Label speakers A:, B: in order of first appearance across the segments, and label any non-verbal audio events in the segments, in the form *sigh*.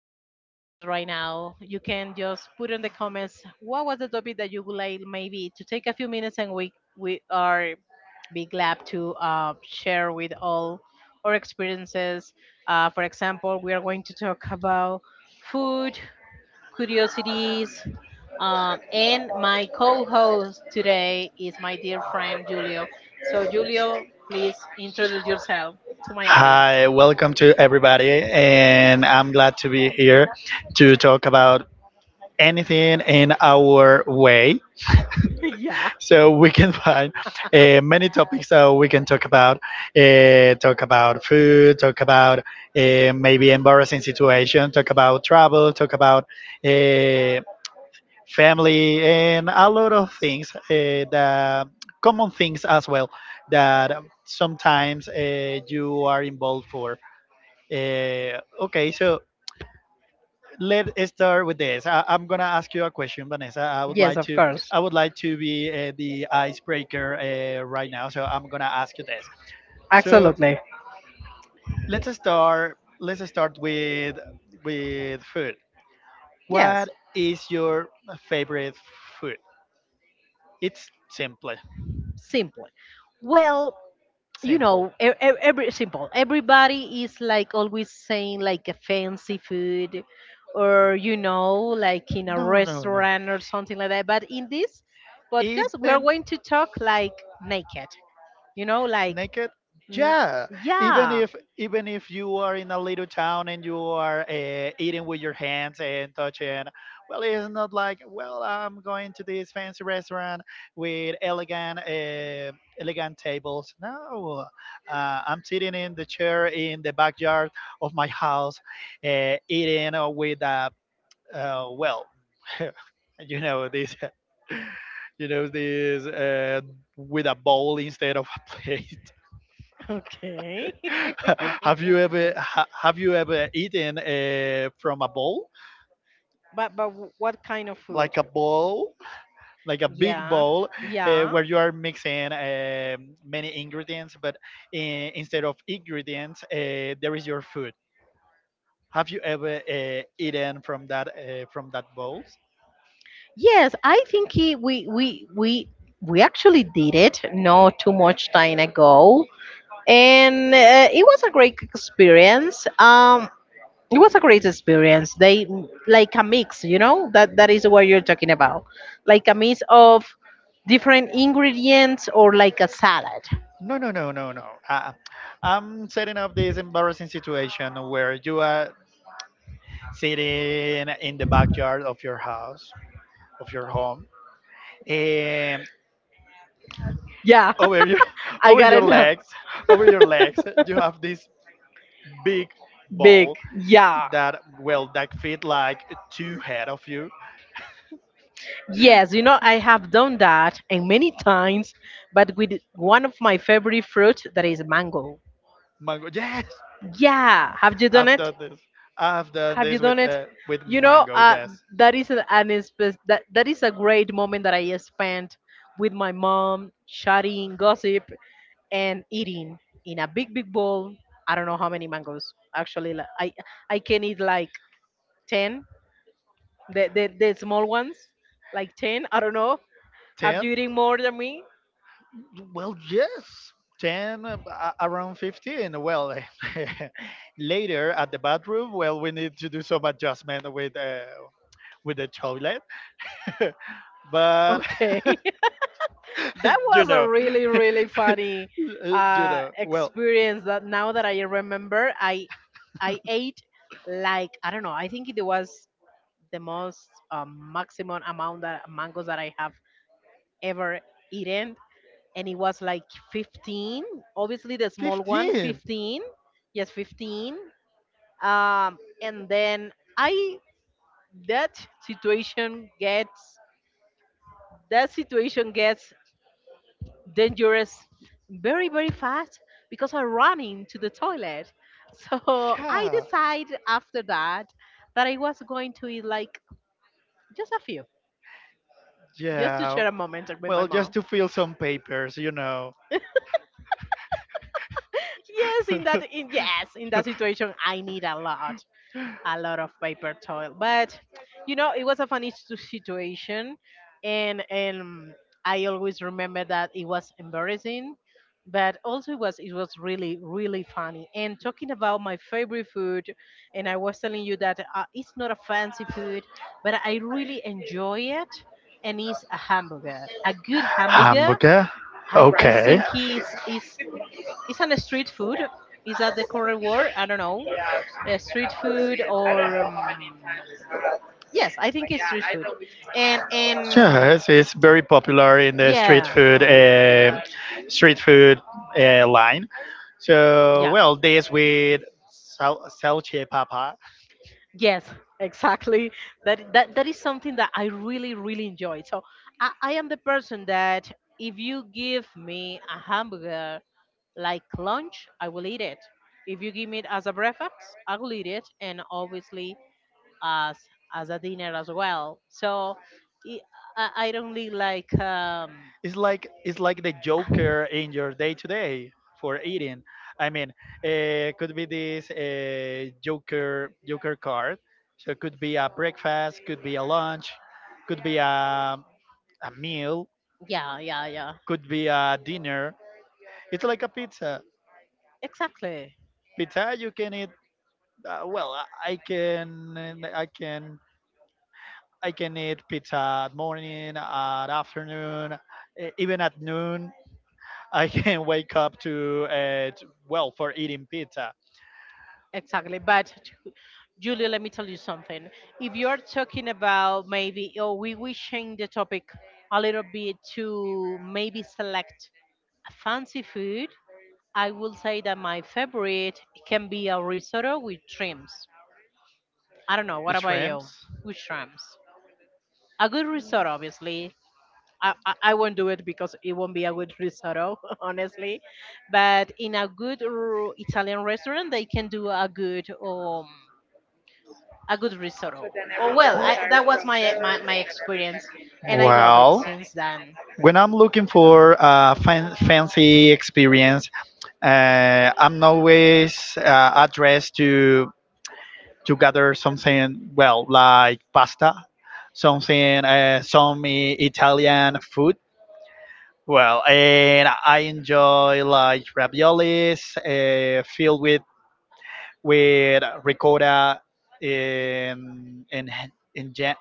A: or listen to us right now, you can just put in the comments what was the topic that you would like maybe to take a few minutes and we are be glad to share with all our experiences. For example, we are going to talk about food, curiosities, and my co-host today is my dear friend Julio. So, Julio, please introduce yourself to my audience.
B: Hi, welcome to everybody, and I'm glad to be here to talk about anything in our way.
A: *laughs* Yeah,
B: So we can *laughs* find many topics that we can talk about. Talk about food, talk about maybe embarrassing situation, talk about travel, talk about uh, family and a lot of things the common things as well that sometimes you are involved for okay so Let's start with this. I'm gonna ask you a question, Vanessa. I would like to be the icebreaker right now, so I'm gonna ask you this. So
A: absolutely.
B: let's start with food.
A: Yes.
B: What is your favorite food? It's simple.
A: Simple. Well,
B: Simple.
A: everybody is like always saying like a fancy food or you know like in a
B: No, no, no.
A: restaurant or something like that, but in this podcast we are
B: Even
A: going to talk like naked, you know, like
B: naked, yeah. even
A: yeah.
B: if even if you are in a little town and you are eating with your hands and touching. Well it's not like, well, I'm going to this fancy restaurant with elegant elegant tables. No, I'm sitting in the chair in the backyard of my house, eating with a uh, well *laughs* you know this, *laughs* you know this with a bowl instead of a *laughs* plate.
A: *laughs* Okay. *laughs*
B: *laughs* Have you ever have you ever eaten from a bowl?
A: But what kind of food?
B: Like a bowl, like a big bowl, where you are mixing many ingredients, but instead of ingredients, there is your food. Have you ever eaten from that, from that bowls?
A: Yes, I think we we actually did it not too much time ago, and it was a great experience. They like a mix, you know, that that is what you're talking about, like a mix of different ingredients or like a salad.
B: No, no, no, no, no. I'm setting up this embarrassing situation where you are sitting in the backyard of your house, of your home, and
A: Yeah,
B: over your *laughs*
A: I
B: over
A: got
B: your
A: it.
B: legs, over your legs, you have this big ball
A: Yeah.
B: that, well, that fit like two head of you.
A: Yes, you
B: *laughs*
A: know, I have done that and many times, but with one of my favorite fruit that is mango.
B: Mango, yes,
A: Yeah, have you done
B: I've
A: it?
B: done this. I've done this with
A: You know,
B: mango, yes.
A: that is an that, that is a great moment that I spent with my mom chatting gossip and eating in a big big bowl. I don't know how many mangoes actually, like, I can eat like 10, the the small ones, like 10, I don't know. Are you
B: 10.
A: eating more than me?
B: Well, yes, 10, around 15. Well, *laughs* later at the bathroom, well, we need to do some adjustment with the toilet. *laughs* but
A: Okay. *laughs* That
B: *laughs* you
A: was a
B: know
A: really
B: *laughs*
A: really
B: uh,
A: funny
B: you know well
A: experience that now that I remember, I
B: *laughs*
A: ate like I don't know, I think it was the most maximum amount that mangoes that I have ever eaten, and it was like 15. Obviously the small one,
B: 15.
A: 15. Yes, 15. And then I that situation gets that situation gets dangerous very very fast, because I run into the toilet. *laughs* So I
B: Yeah.
A: decide after that that I was going to eat like just a few, just to
B: Yeah.
A: share a moment with my
B: Well, just
A: mom.
B: to fill some papers, you know.
A: Yes, in
B: *laughs*
A: that in, yes, in that situation I need a lot of paper towel. But you know, it was a funny situation, and I always remember that it was embarrassing, but also it was really really funny. And talking about my favorite food, and I was telling you that it's not a fancy food, but I really enjoy it. And it's a hamburger, a good hamburger.
B: Hamburger.
A: I
B: Okay.
A: think it's is it's an street food. Is that the correct word? I don't know, street food or yes, I think it's street food. And
B: Yes, it's very popular in the
A: yeah,
B: street food line. So, well, this with salchipapa.
A: yes, exactly. That that is something that I really really enjoy. So I am the person that if you give me a hamburger like lunch, I will eat it. If you give me it as a breakfast, I will eat it, and obviously as as a dinner as well. So i, I don't really like um.
B: It's like the joker in your day to day for eating. I mean, could be this joker card, so it could be a breakfast, could be a lunch, could be a meal,
A: Yeah, yeah, yeah.
B: could be a dinner. It's like a pizza.
A: Exactly.
B: Pizza, you can eat. uh, well i I can i can I can eat pizza at morning, at afternoon, even at noon. I can wake up to, well, for eating pizza.
A: Exactly. But Julia, let me tell you something. If you're talking about maybe, oh, we change the topic a little bit to maybe select fancy food, I will say that my favorite can be a risotto with shrimps. I don't know. What about you?
B: Shrimps.
A: With shrimps. A good risotto, obviously. I won't do it because it won't be a good risotto, *laughs* honestly. But in a good Italian restaurant, they can do a good risotto. Oh well, I, that was my, my experience, and I love it
B: Well,
A: since then.
B: when I'm looking for a fancy experience, I'm always addressed to gather something, well, like pasta, something, Italian food. Well, and I enjoy like raviolis filled with ricotta and and, jam,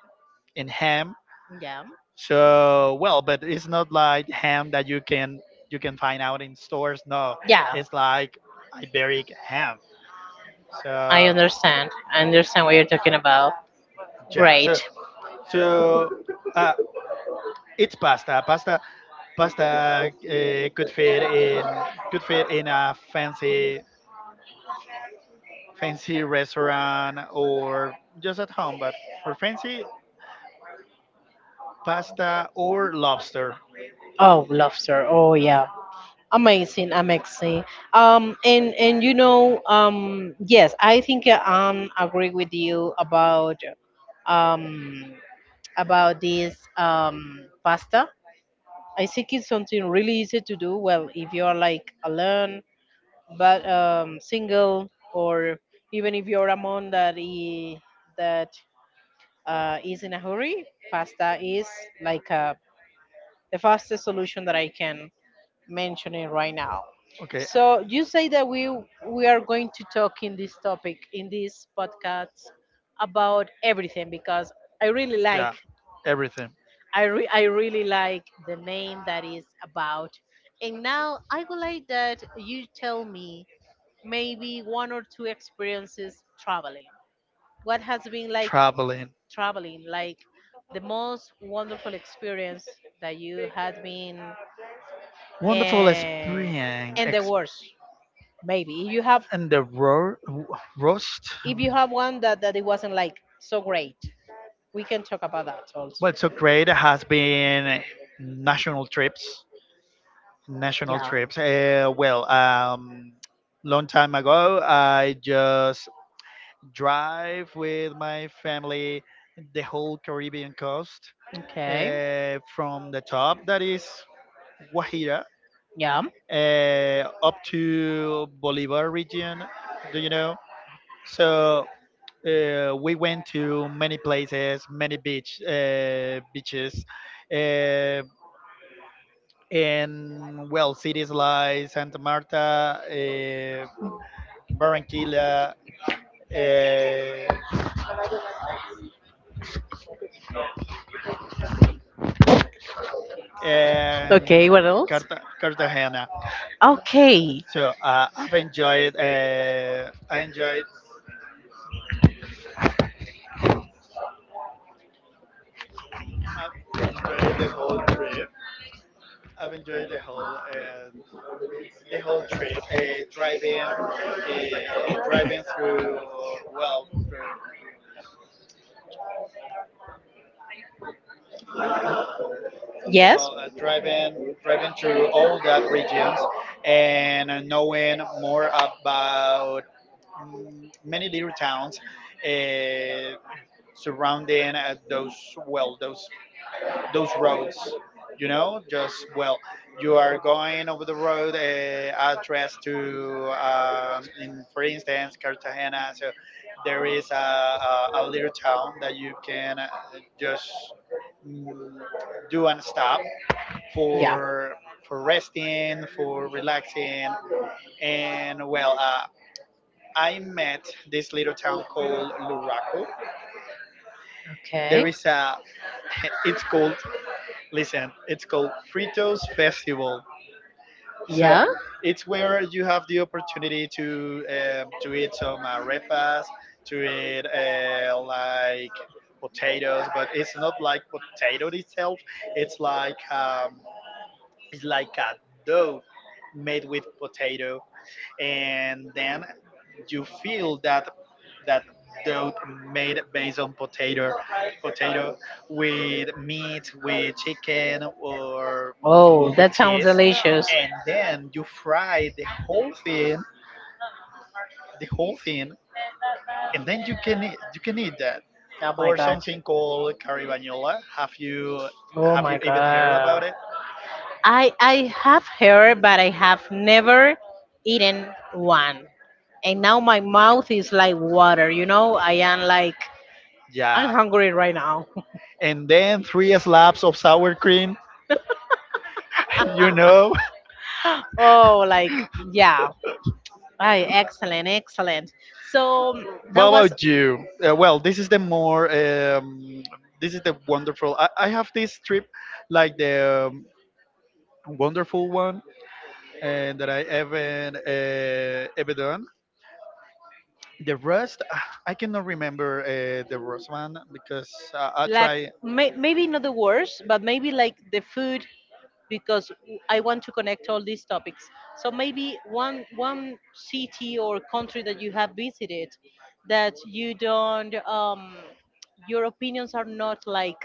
B: and ham.
A: Yeah,
B: So well, but it's not like ham that you can find out in stores. No, it's like Iberic ham.
A: I
B: So
A: understand. I understand what you're talking about.
B: yeah,
A: Right.
B: so so uh, it's Pasta could fit in, could fit in a fancy fancy restaurant or just at home, but for fancy, pasta or lobster.
A: Oh, lobster. Oh yeah, amazing, amazing. And you know, yes, I think I agree with you um about this pasta. I think it's something really easy to do. Well, if you are like alone but single, or even if you're a mom that is in a hurry, pasta is like the fastest solution that I can mention it right now.
B: Okay,
A: So you say that we are going to talk in this topic in this podcast about everything, because I really like
B: yeah, everything.
A: I really like the name that is about. And now I would like that you tell me maybe one or two experiences traveling. What has been like
B: Traveling.
A: traveling, like the most wonderful experience that you had been,
B: Wonderful
A: eh,
B: experience.
A: and the worst, maybe.
B: And the roast.
A: If you have one that that it wasn't like so great, we can talk about that also.
B: Well, so great has been national trips, national trips. Long time ago, I just drive with my family the whole Caribbean coast,
A: Okay.
B: from the top that is Guajira,
A: Yeah.
B: up to Bolivar region. Do you know? So we went to many places, many beach, beaches, uh, and, well, cities like Santa Marta, uh, Barranquilla, uh,
A: Okay,
B: and
A: what else?
B: Cartagena.
A: Okay.
B: So I've enjoyed. I enjoyed. I've enjoyed the whole trip. I've enjoyed the whole trip. Driving, uh, driving through, well, through,
A: Yeah.
B: well, driving through all that regions and knowing more about, many little towns uh, surrounding those, well, those roads. You know, just, well, you are going over the road, address to, in, for instance, Cartagena. So there is a little town that you can just mm, do and stop for for resting, for relaxing, and, well, I met this little town called Luraco.
A: Okay.
B: There is a *laughs* it's called, listen, it's called Fritos Festival. So
A: Yeah.
B: it's where you have the opportunity to eat some arepas, to eat like potatoes, but it's not like potato itself. It's like, it's like a dough made with potato, and then you feel that that dough made based on potato potato with meat, with chicken, or
A: Oh,
B: with
A: that's
B: cheese, and then you fry the whole thing, the whole thing, and then you can eat that
A: oh.
B: or something called caribañola. Have you,
A: Oh,
B: have you even heard about it?
A: I have heard, but I have never eaten one. And now my mouth is like water. You know, I am like I'm
B: Yeah,
A: hungry right now. *laughs*
B: and then three slabs of sour cream. *laughs* You know.
A: Oh, like yeah. I excellent, excellent. So
B: What about you? This is the more, this is the wonderful. I have this trip like the, wonderful one, and that I haven't ever done. The rest, ah, I cannot remember the rest one because I
A: that
B: try.
A: may, maybe not the worst, but maybe like the food, because w- I want to connect all these topics. So maybe one one city or country that you have visited that you don't your opinions are not like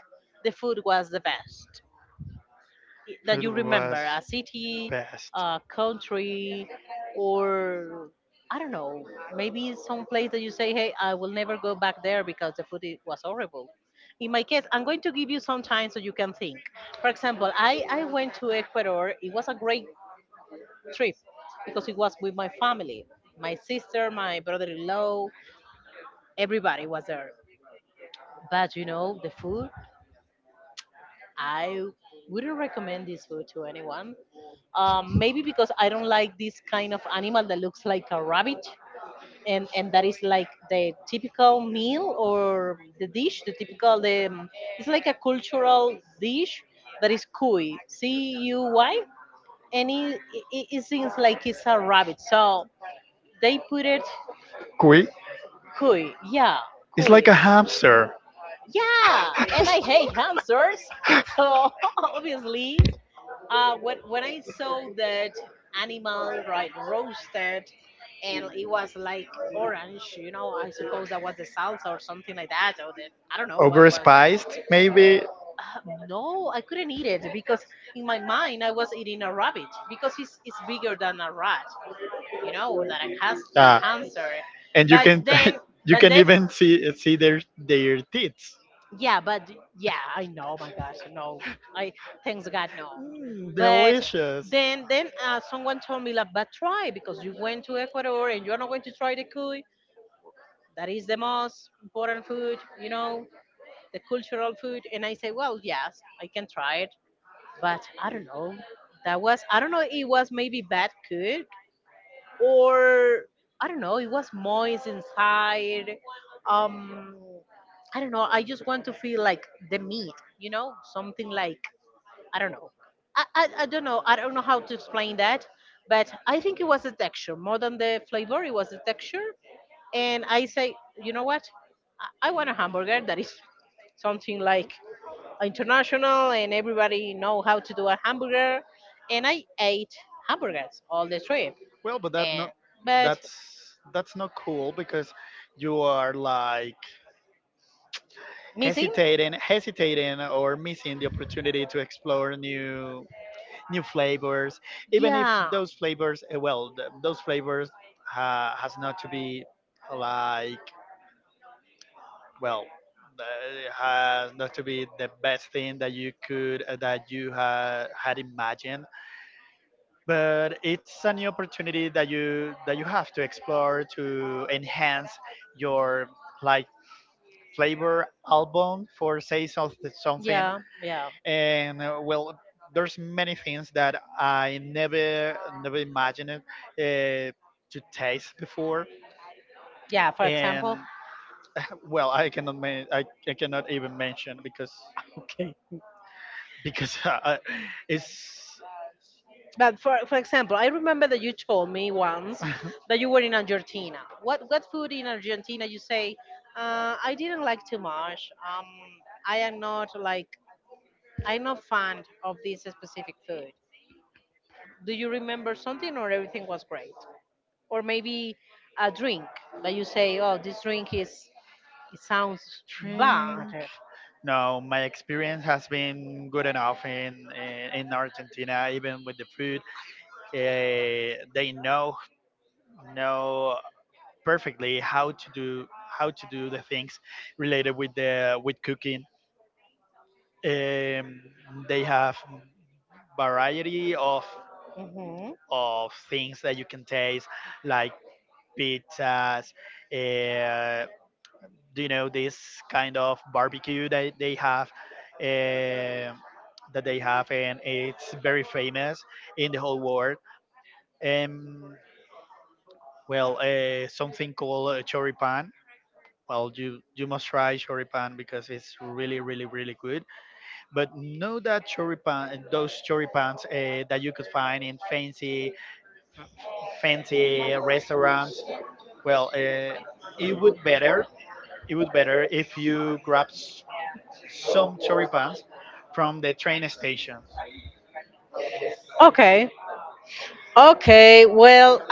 A: the food was the best, that
B: It
A: you remember
B: was
A: a city, a country, or I don't know, maybe some place that you say, hey, I will never go back there because the food was horrible. In my case, I'm going to give you some time so you can think. For example, I went to Ecuador. It was a great trip because it was with my family, my sister, my brother-in-law, everybody was
B: best.
A: there. But you know, the food, I wouldn't recommend this food to anyone. Maybe because I don't like this kind of animal that looks like a rabbit, and that is like the typical meal or the dish, the typical the it's like a cultural dish that is cuy, C U Y, and it seems like it's a rabbit, so they put it
B: Quick.
A: cuy, yeah,
B: It's like
A: cuy,
B: a hamster.
A: yeah, and I hate hamsters, so *laughs* obviously when I saw that animal right roasted, and it was like orange, you know, I suppose that was the salsa or something like that, or the I don't know what was that.
B: Overspiced, maybe.
A: Uh, no, I couldn't eat it because in my mind I was
B: In
A: eating
B: a
A: a
B: rabbit
A: rabbit, because
B: because
A: it's bigger than a rat, you know, or than a
B: it's bigger than
A: hamster,
B: a rat,
A: hamster.
B: you know, and it has two hands. And you I
A: But
B: can *laughs* think,
A: then,
B: you I
A: but
B: can think, even see, see their teeth. I
A: yeah, but yeah, I know. My gosh, no,
B: think
A: I
B: it's
A: thanks
B: kind
A: God, no.
B: of cool. Mm, then
A: But
B: delicious. then
A: Then,
B: then
A: then
B: that's
A: someone
B: what
A: told me,
B: you're
A: like, but try,
B: looking for. You
A: because
B: went
A: you
B: to
A: went to
B: Ecuador
A: Ecuador and
B: and
A: you're not going to
B: you're
A: try the cuy.
B: looking.
A: That
B: That is
A: is
B: the
A: the
B: most.
A: most important food, you know, the cultural food. And I say, well, yes, I can try it, but I don't know. That was, I don't know, it was maybe bad cooked or I don't know, it was moist inside. Um, I don't know. I just want to feel like the meat, you know, something like I don't know. I don't know. I don't know how to explain that, but I think it was the texture more than the flavor. It was the texture, and I say, you know what? I want a hamburger that is something like international, and everybody know how to do a hamburger. And I ate hamburgers all the trip,
B: Well, but that,
A: and
B: not
A: but
B: that's, that's not cool because you are like
A: missing,
B: hesitating, hesitating or missing the opportunity to explore new new flavors, even if
A: yeah,
B: those flavors, eh, well, those flavors ha has not to be like, well, eh, has not to be the best thing that you could, eh, that you ha had imagined. But it's a new opportunity that you, that you have to explore, to enhance your like flavor album, for say something something,
A: yeah,
B: and well, there's many things that I never never imagined to taste before,
A: yeah. For
B: and
A: well,
B: *laughs* well, I cannot even mention
A: *laughs*
B: because *laughs* it's
A: but for example, I remember that you told me once that you were in
B: *laughs*
A: Argentina. What food in Argentina you say? I didn't like too much. I am not like I'm not fond of this specific food. Do you remember something, or everything was great? Or maybe a drink that you say, oh, this drink is it sounds
B: Drink.
A: bad.
B: No, my experience has been good enough in, in Argentina, even with the food. They know perfectly how to do, how to do the things related with the with cooking. Um, they have variety of things that you can taste, like pizzas. Uh, do you know this kind of barbecue that they have? Um that they have, and it's very famous in the whole world. Um, something called choripan. Well, you must try choripan because it's really, really, really good. But know that choripan, those choripans that you could find in fancy, fancy restaurants. Well, it would better, it would better if you grab some choripans from the train stations.
A: Okay, okay, well,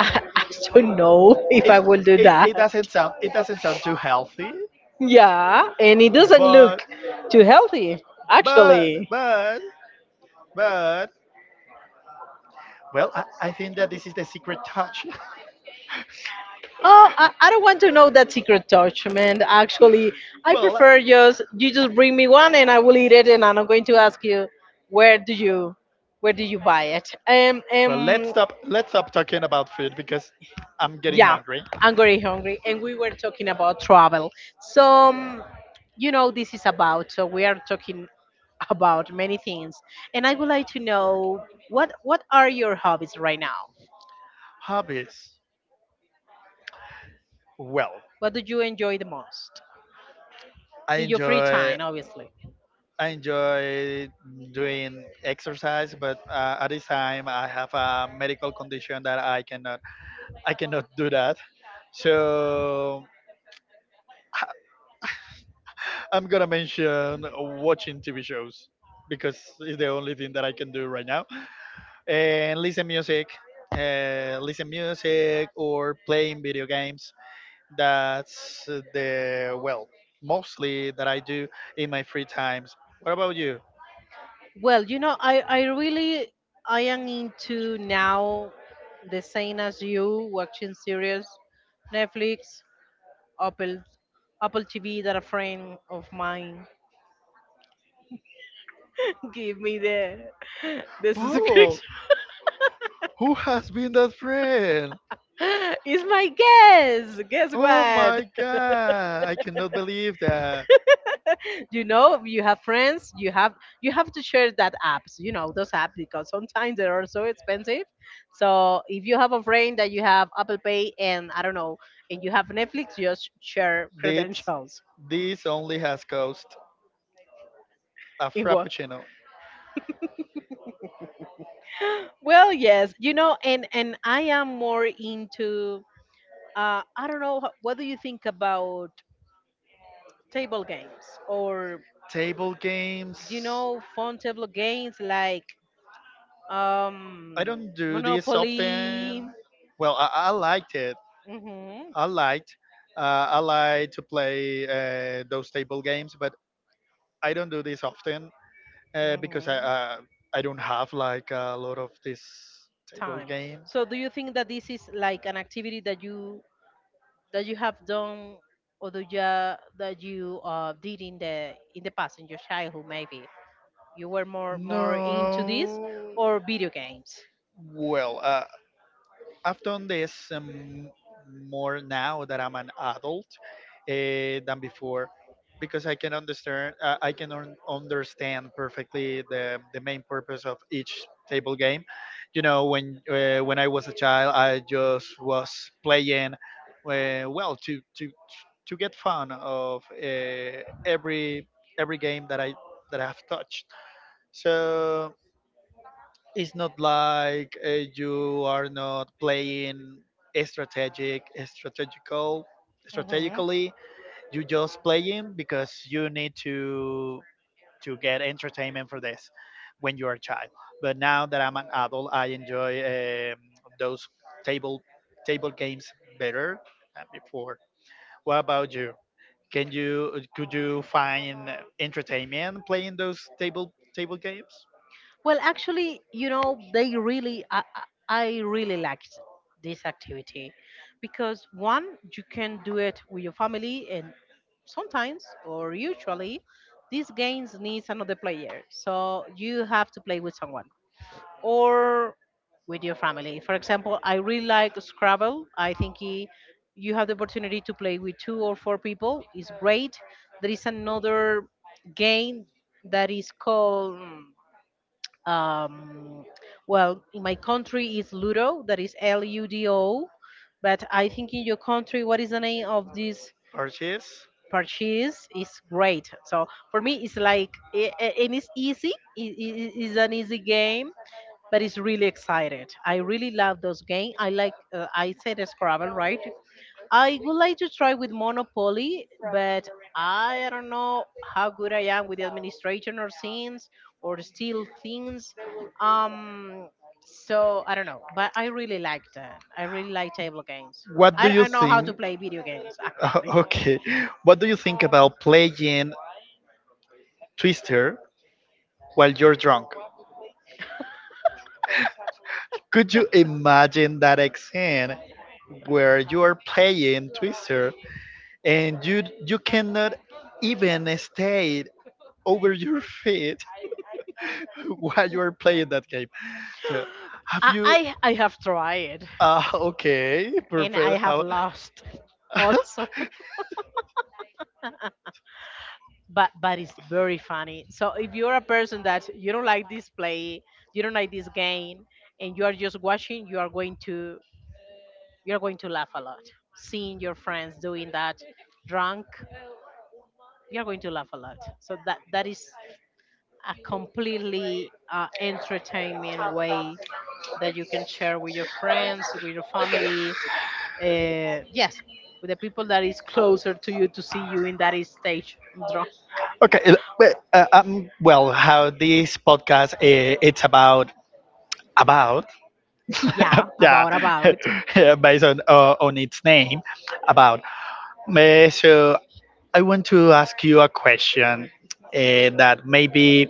A: *laughs*
B: Is it, it doesn't sound, it doesn't sound too healthy,
A: yeah, and it doesn't look
B: but
A: too
B: but
A: actually.
B: but but, well, I think that this is the secret touch.
A: Oh, I don't want to know that secret touch, man. Actually, I
B: Well, uh,
A: prefer just you just bring me one and I will eat it, and I'm not going to ask you where do you where do you buy it.
B: well, let's stop. Let's stop talking about food because I'm getting hungry.
A: I'm very hungry, and we were talking about travel. So, you know, this is about. So we are talking about many things, and I would like to know what are your hobbies right now?
B: Hobbies. Well,
A: What do you enjoy the most
B: I
A: in your free
B: enjoy.
A: time, obviously?
B: I enjoy doing exercise, but at this time I have a medical condition that I cannot. I cannot do that. So *laughs* I'm gonna mention watching TV shows because it's the only thing that I can do right now. And listen music, listen music, or playing video games. That's the, well, mostly that I do in my free times. What about you?
A: Well, you know, I really I am into now the same as you, watching series, Netflix, Apple Apple TV that a friend of mine *laughs* give me the
B: Oh,
A: subscription.
B: who has been that friend?
A: *laughs* It's my guess. Guess what?
B: Oh my god! I cannot believe that
A: You know, you have friends, you have to share that apps, those apps because sometimes they are so expensive. So if you have a friend that you have Apple Pay and I don't know, and you have Netflix, just share
B: this
A: credentials.
B: this only has cost a frappuccino.
A: Well, yes, you know, and I am more into I don't know what do you think about table games or
B: Table
A: you
B: games.
A: know phone table games like
B: I don't
A: um
B: do this
A: Monopoly,
B: often. Well, I liked it,
A: mhm,
B: I liked, I like to play those table games, but I don't do this often because I don't have like a lot of these table
A: time.
B: games.
A: So do you think that this is like an activity that you have done or do you, that you did in the past in your childhood maybe you were more into this
B: No.
A: or video games?
B: Well, I've done this, more now that I'm an adult than before because I can understand, understand perfectly the main purpose of each table game. You know, when I was a child, I just was playing uh, well to to to get fun of every game that I that I've touched. So it's not like, you are not playing strategic strategical strategically, you just playing because you need to get entertainment for this when you're a child, but now that I'm an adult, I enjoy, um, those table table games better than before. What about you? Can you, could you find entertainment playing those table table games,
A: Well, actually, you know, they really, I I really liked this activity because one, you can do it with your family, and sometimes or usually, these games needs another player, so you have to play with someone or with your family. For example, I really like Scrabble. You have the opportunity to play with two or four people. It's great. There is another game that is called um, well, in my country is Ludo, that is Ludo, but I think in your country, what is the name of this
B: or
A: purchase? Is great. So for me, it's like I- and it's easy. It's an easy game, but it's really excited. I really love those game. I like. I said Scrabble, right? I would like to try with Monopoly, but I don't know how good I am with the administration or scenes or steal things. Um, so I don't know, but I really like that. I really like table games.
B: what do you
A: I know how
B: think?
A: to play video games actually.
B: *laughs* Okay. What do you think about playing Twister while you're drunk? Could you imagine that scene where you are playing Twister and you cannot even stay over your feet *laughs* while you are playing that game? So, have you?
A: I have tried
B: Okay,
A: and I
B: perfect.
A: have
B: How,
A: lost also, *laughs*
B: *laughs*
A: but it's very funny. So if you're a person that you don't like this play, you don't like this game, and you are just watching, You're going to laugh a lot. Seeing your friends doing that drunk, you're going to laugh a lot. So that is a completely entertaining way that you can share with your friends, with your family. Yes, with the people that is closer to you to see you in that stage drunk.
B: okay, how this podcast it's about
A: Yeah,
B: *laughs* yeah,
A: about about.
B: *laughs* yeah, based on its name. About So, I want to ask you a question that maybe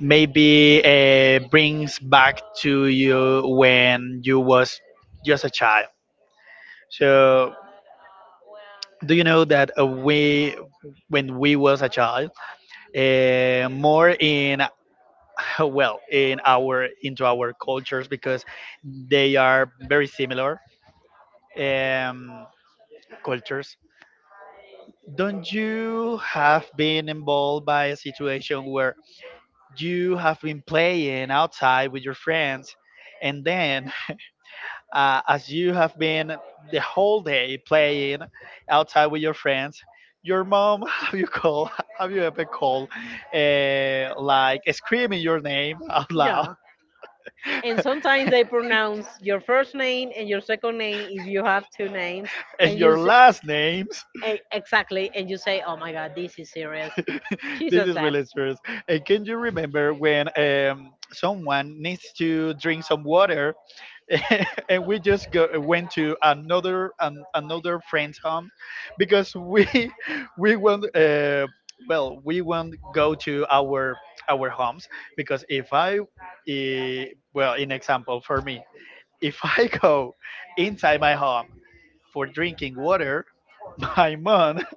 B: maybe uh, brings back to you when you was just a child. So, do you know that we when we was a child, more in *laughs* well in our cultures because they are very similar um, cultures, don't you have been involved by a situation where you have been playing outside with your friends and then as you have been the whole day playing outside with your friends, your mom *laughs* have you called *laughs* have you ever called like screaming your name out loud,
A: And sometimes they pronounce your first name and your second name if you have two names.
B: *laughs* and your last names,
A: Exactly. And you say, oh my God, this is serious.
B: *laughs* this is really serious. And can you remember when someone needs to drink some water *laughs* and we just go went to another friend's home because we *laughs* we won't uh, we won't go to our homes? Because if I eh, well, in example for me, if *laughs* I go inside my home for drinking water, *laughs* my mom, *laughs*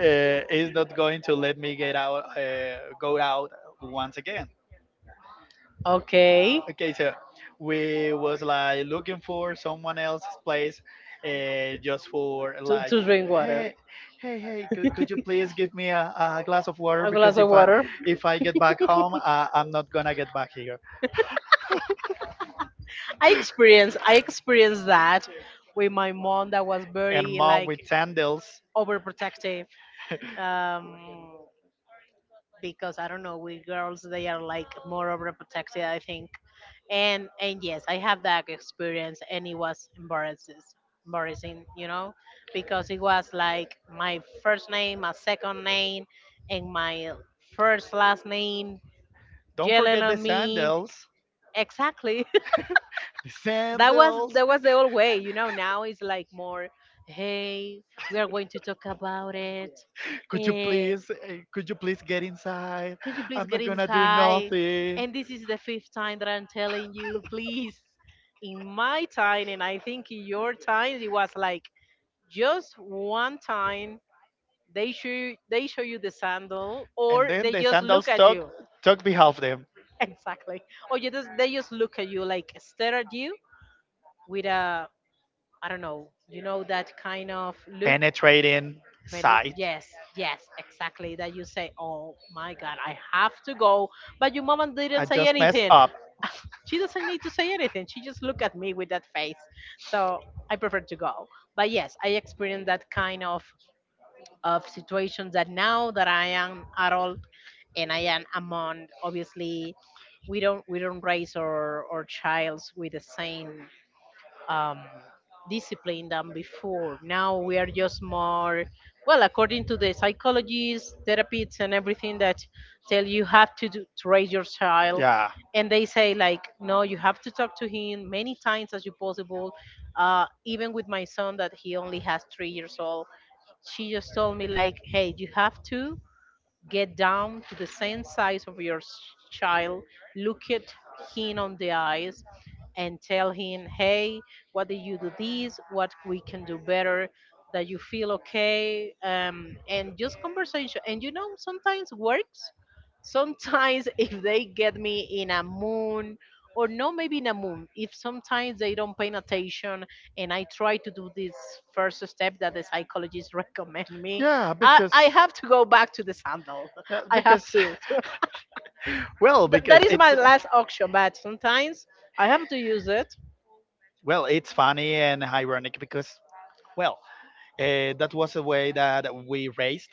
B: is not going to let me get out go out once again.
A: Okay.
B: Okay, so we was like looking for someone else's place, just for like, hey, hey, hey, could you please give me a glass of water? Because if I
A: Water.
B: if I get back home, I'm not gonna get back here.
A: I experienced that with my mom that was
B: And
A: very
B: mom
A: like
B: with sandals.
A: overprotective. Um because I don't know, with girls they are like more overprotective, I think. And yes, I have that experience and it was embarrassing, you know, because it was like my first name, my second name and my first last name
B: Don't
A: yelling
B: forget the
A: on.
B: sandals.
A: Exactly.
B: The
A: That was
B: sandals.
A: that was
B: *laughs*
A: the old way. You know, now it's like more, hey, we are going to talk about it.
B: Could you
A: Eh,
B: please, could you please get inside?
A: could you please
B: I'm
A: get
B: not
A: in?
B: gonna do nothing.
A: And this is the fifth time that I'm telling you, please. In my time, and I think in your time, it was like just one time they show you the sandal,
B: And
A: or
B: then the sandals took
A: *laughs*
B: took behalf them,
A: exactly, or you just they just look at you like stare at you with a, I don't know, you know, that kind of look.
B: penetrating
A: But
B: sight.
A: yes, yes, exactly. That you say, oh my God, I have to go. But your mom didn't
B: I
A: say
B: just messed
A: anything.
B: up.
A: She doesn't need to say anything. She just looked at me with that face. So I prefer to go. But yes, I experienced that kind of situation that now that I am adult and I am among, obviously, we don't raise our childs with the same um, disciplined than before. Now we are just more, well, according to the psychologists, therapists, and everything that tell you have to, do, to raise your child,
B: Yeah,
A: and they say like, no, you have to talk to him many times as you possible. Even with my son that he only has 3 years old, she just told me like, hey, you have to get down to the same size of your child, look at him on the eyes, and tell him, hey, what did you do this? What we can do better? That you feel okay? And just conversation. And you know, sometimes works. Sometimes *laughs* if they get me in a moon, or no, maybe in a moon, if sometimes they don't pay attention and I try to do this first step that the psychologist *laughs* recommend me,
B: yeah, because
A: I have to go back to the sandal.
B: yeah,
A: *laughs* I have
B: because
A: to.
B: *laughs* well,
A: *laughs*
B: because
A: That is
B: it's
A: my last auction, but sometimes I have to use it.
B: well, it's funny and ironic because well, that was a way that we raised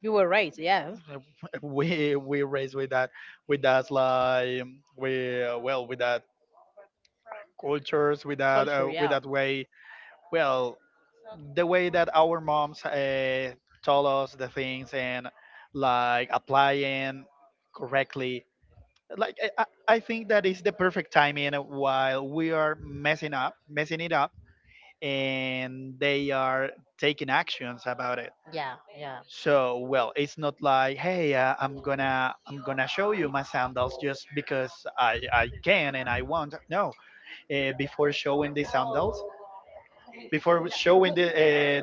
A: You were right. Yeah.
B: *laughs* we raised with that, with that like, we well, with that cultures, with that, with that way, well, the way that our moms, told us the things, and like applying correctly, like I think that is the perfect timing while we are messing it up and they are taking actions about it.
A: Yeah. Yeah.
B: So, well, it's not like, hey, I'm gonna show you my sandals just because I can and I want. No, before showing the sandals, before showing the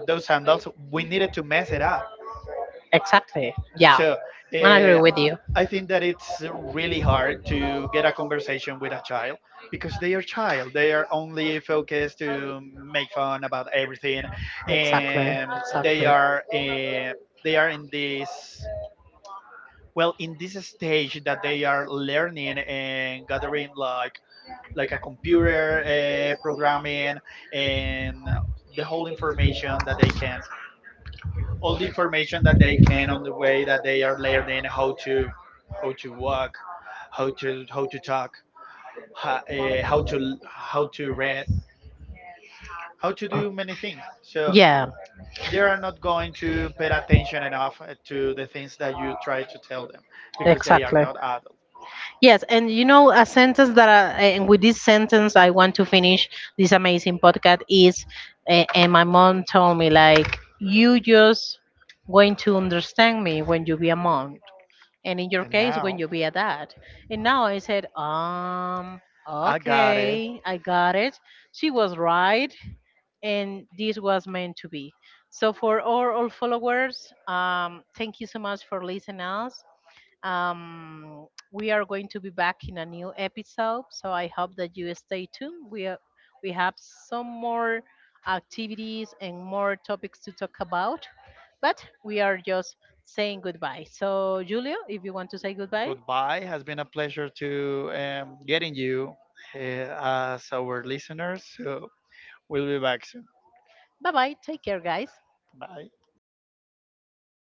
B: those sandals, we needed to mess it up.
A: Exactly. Yeah.
B: So, uh,
A: With you.
B: I think that it's really hard to get a conversation with a child because they are child. They are only focused to make fun about everything, and they are in this. Well, in this stage that they are learning and gathering like a computer programming, and the whole information that they can all the information that they can, on the way that they are learning how to, how to walk, how to talk, how, uh, how to how to read, how to do many things. So
A: Yeah.
B: they are not going to pay attention enough to the things that you try to tell them because they are not adults.
A: Yes. And you know, a sentence that, I, and with this sentence, I want to finish this amazing podcast is, and my mom told me, like, you just going to understand me when you be a mom, and in your
B: And
A: case when
B: now
A: you be a dad. And now I said,
B: I got it.
A: okay, I got it. She was right, and this was meant to be. So for all followers, thank you so much for listening us. um we are going to be back in a new episode, so I hope that you stay tuned. We have some more activities and more topics to talk about, but we are just saying goodbye. So, Julio, if you want to say goodbye,
B: Goodbye. Has been a pleasure to getting you uh, as our listeners. So we'll be back soon.
A: bye bye. Take care, guys.
B: Bye.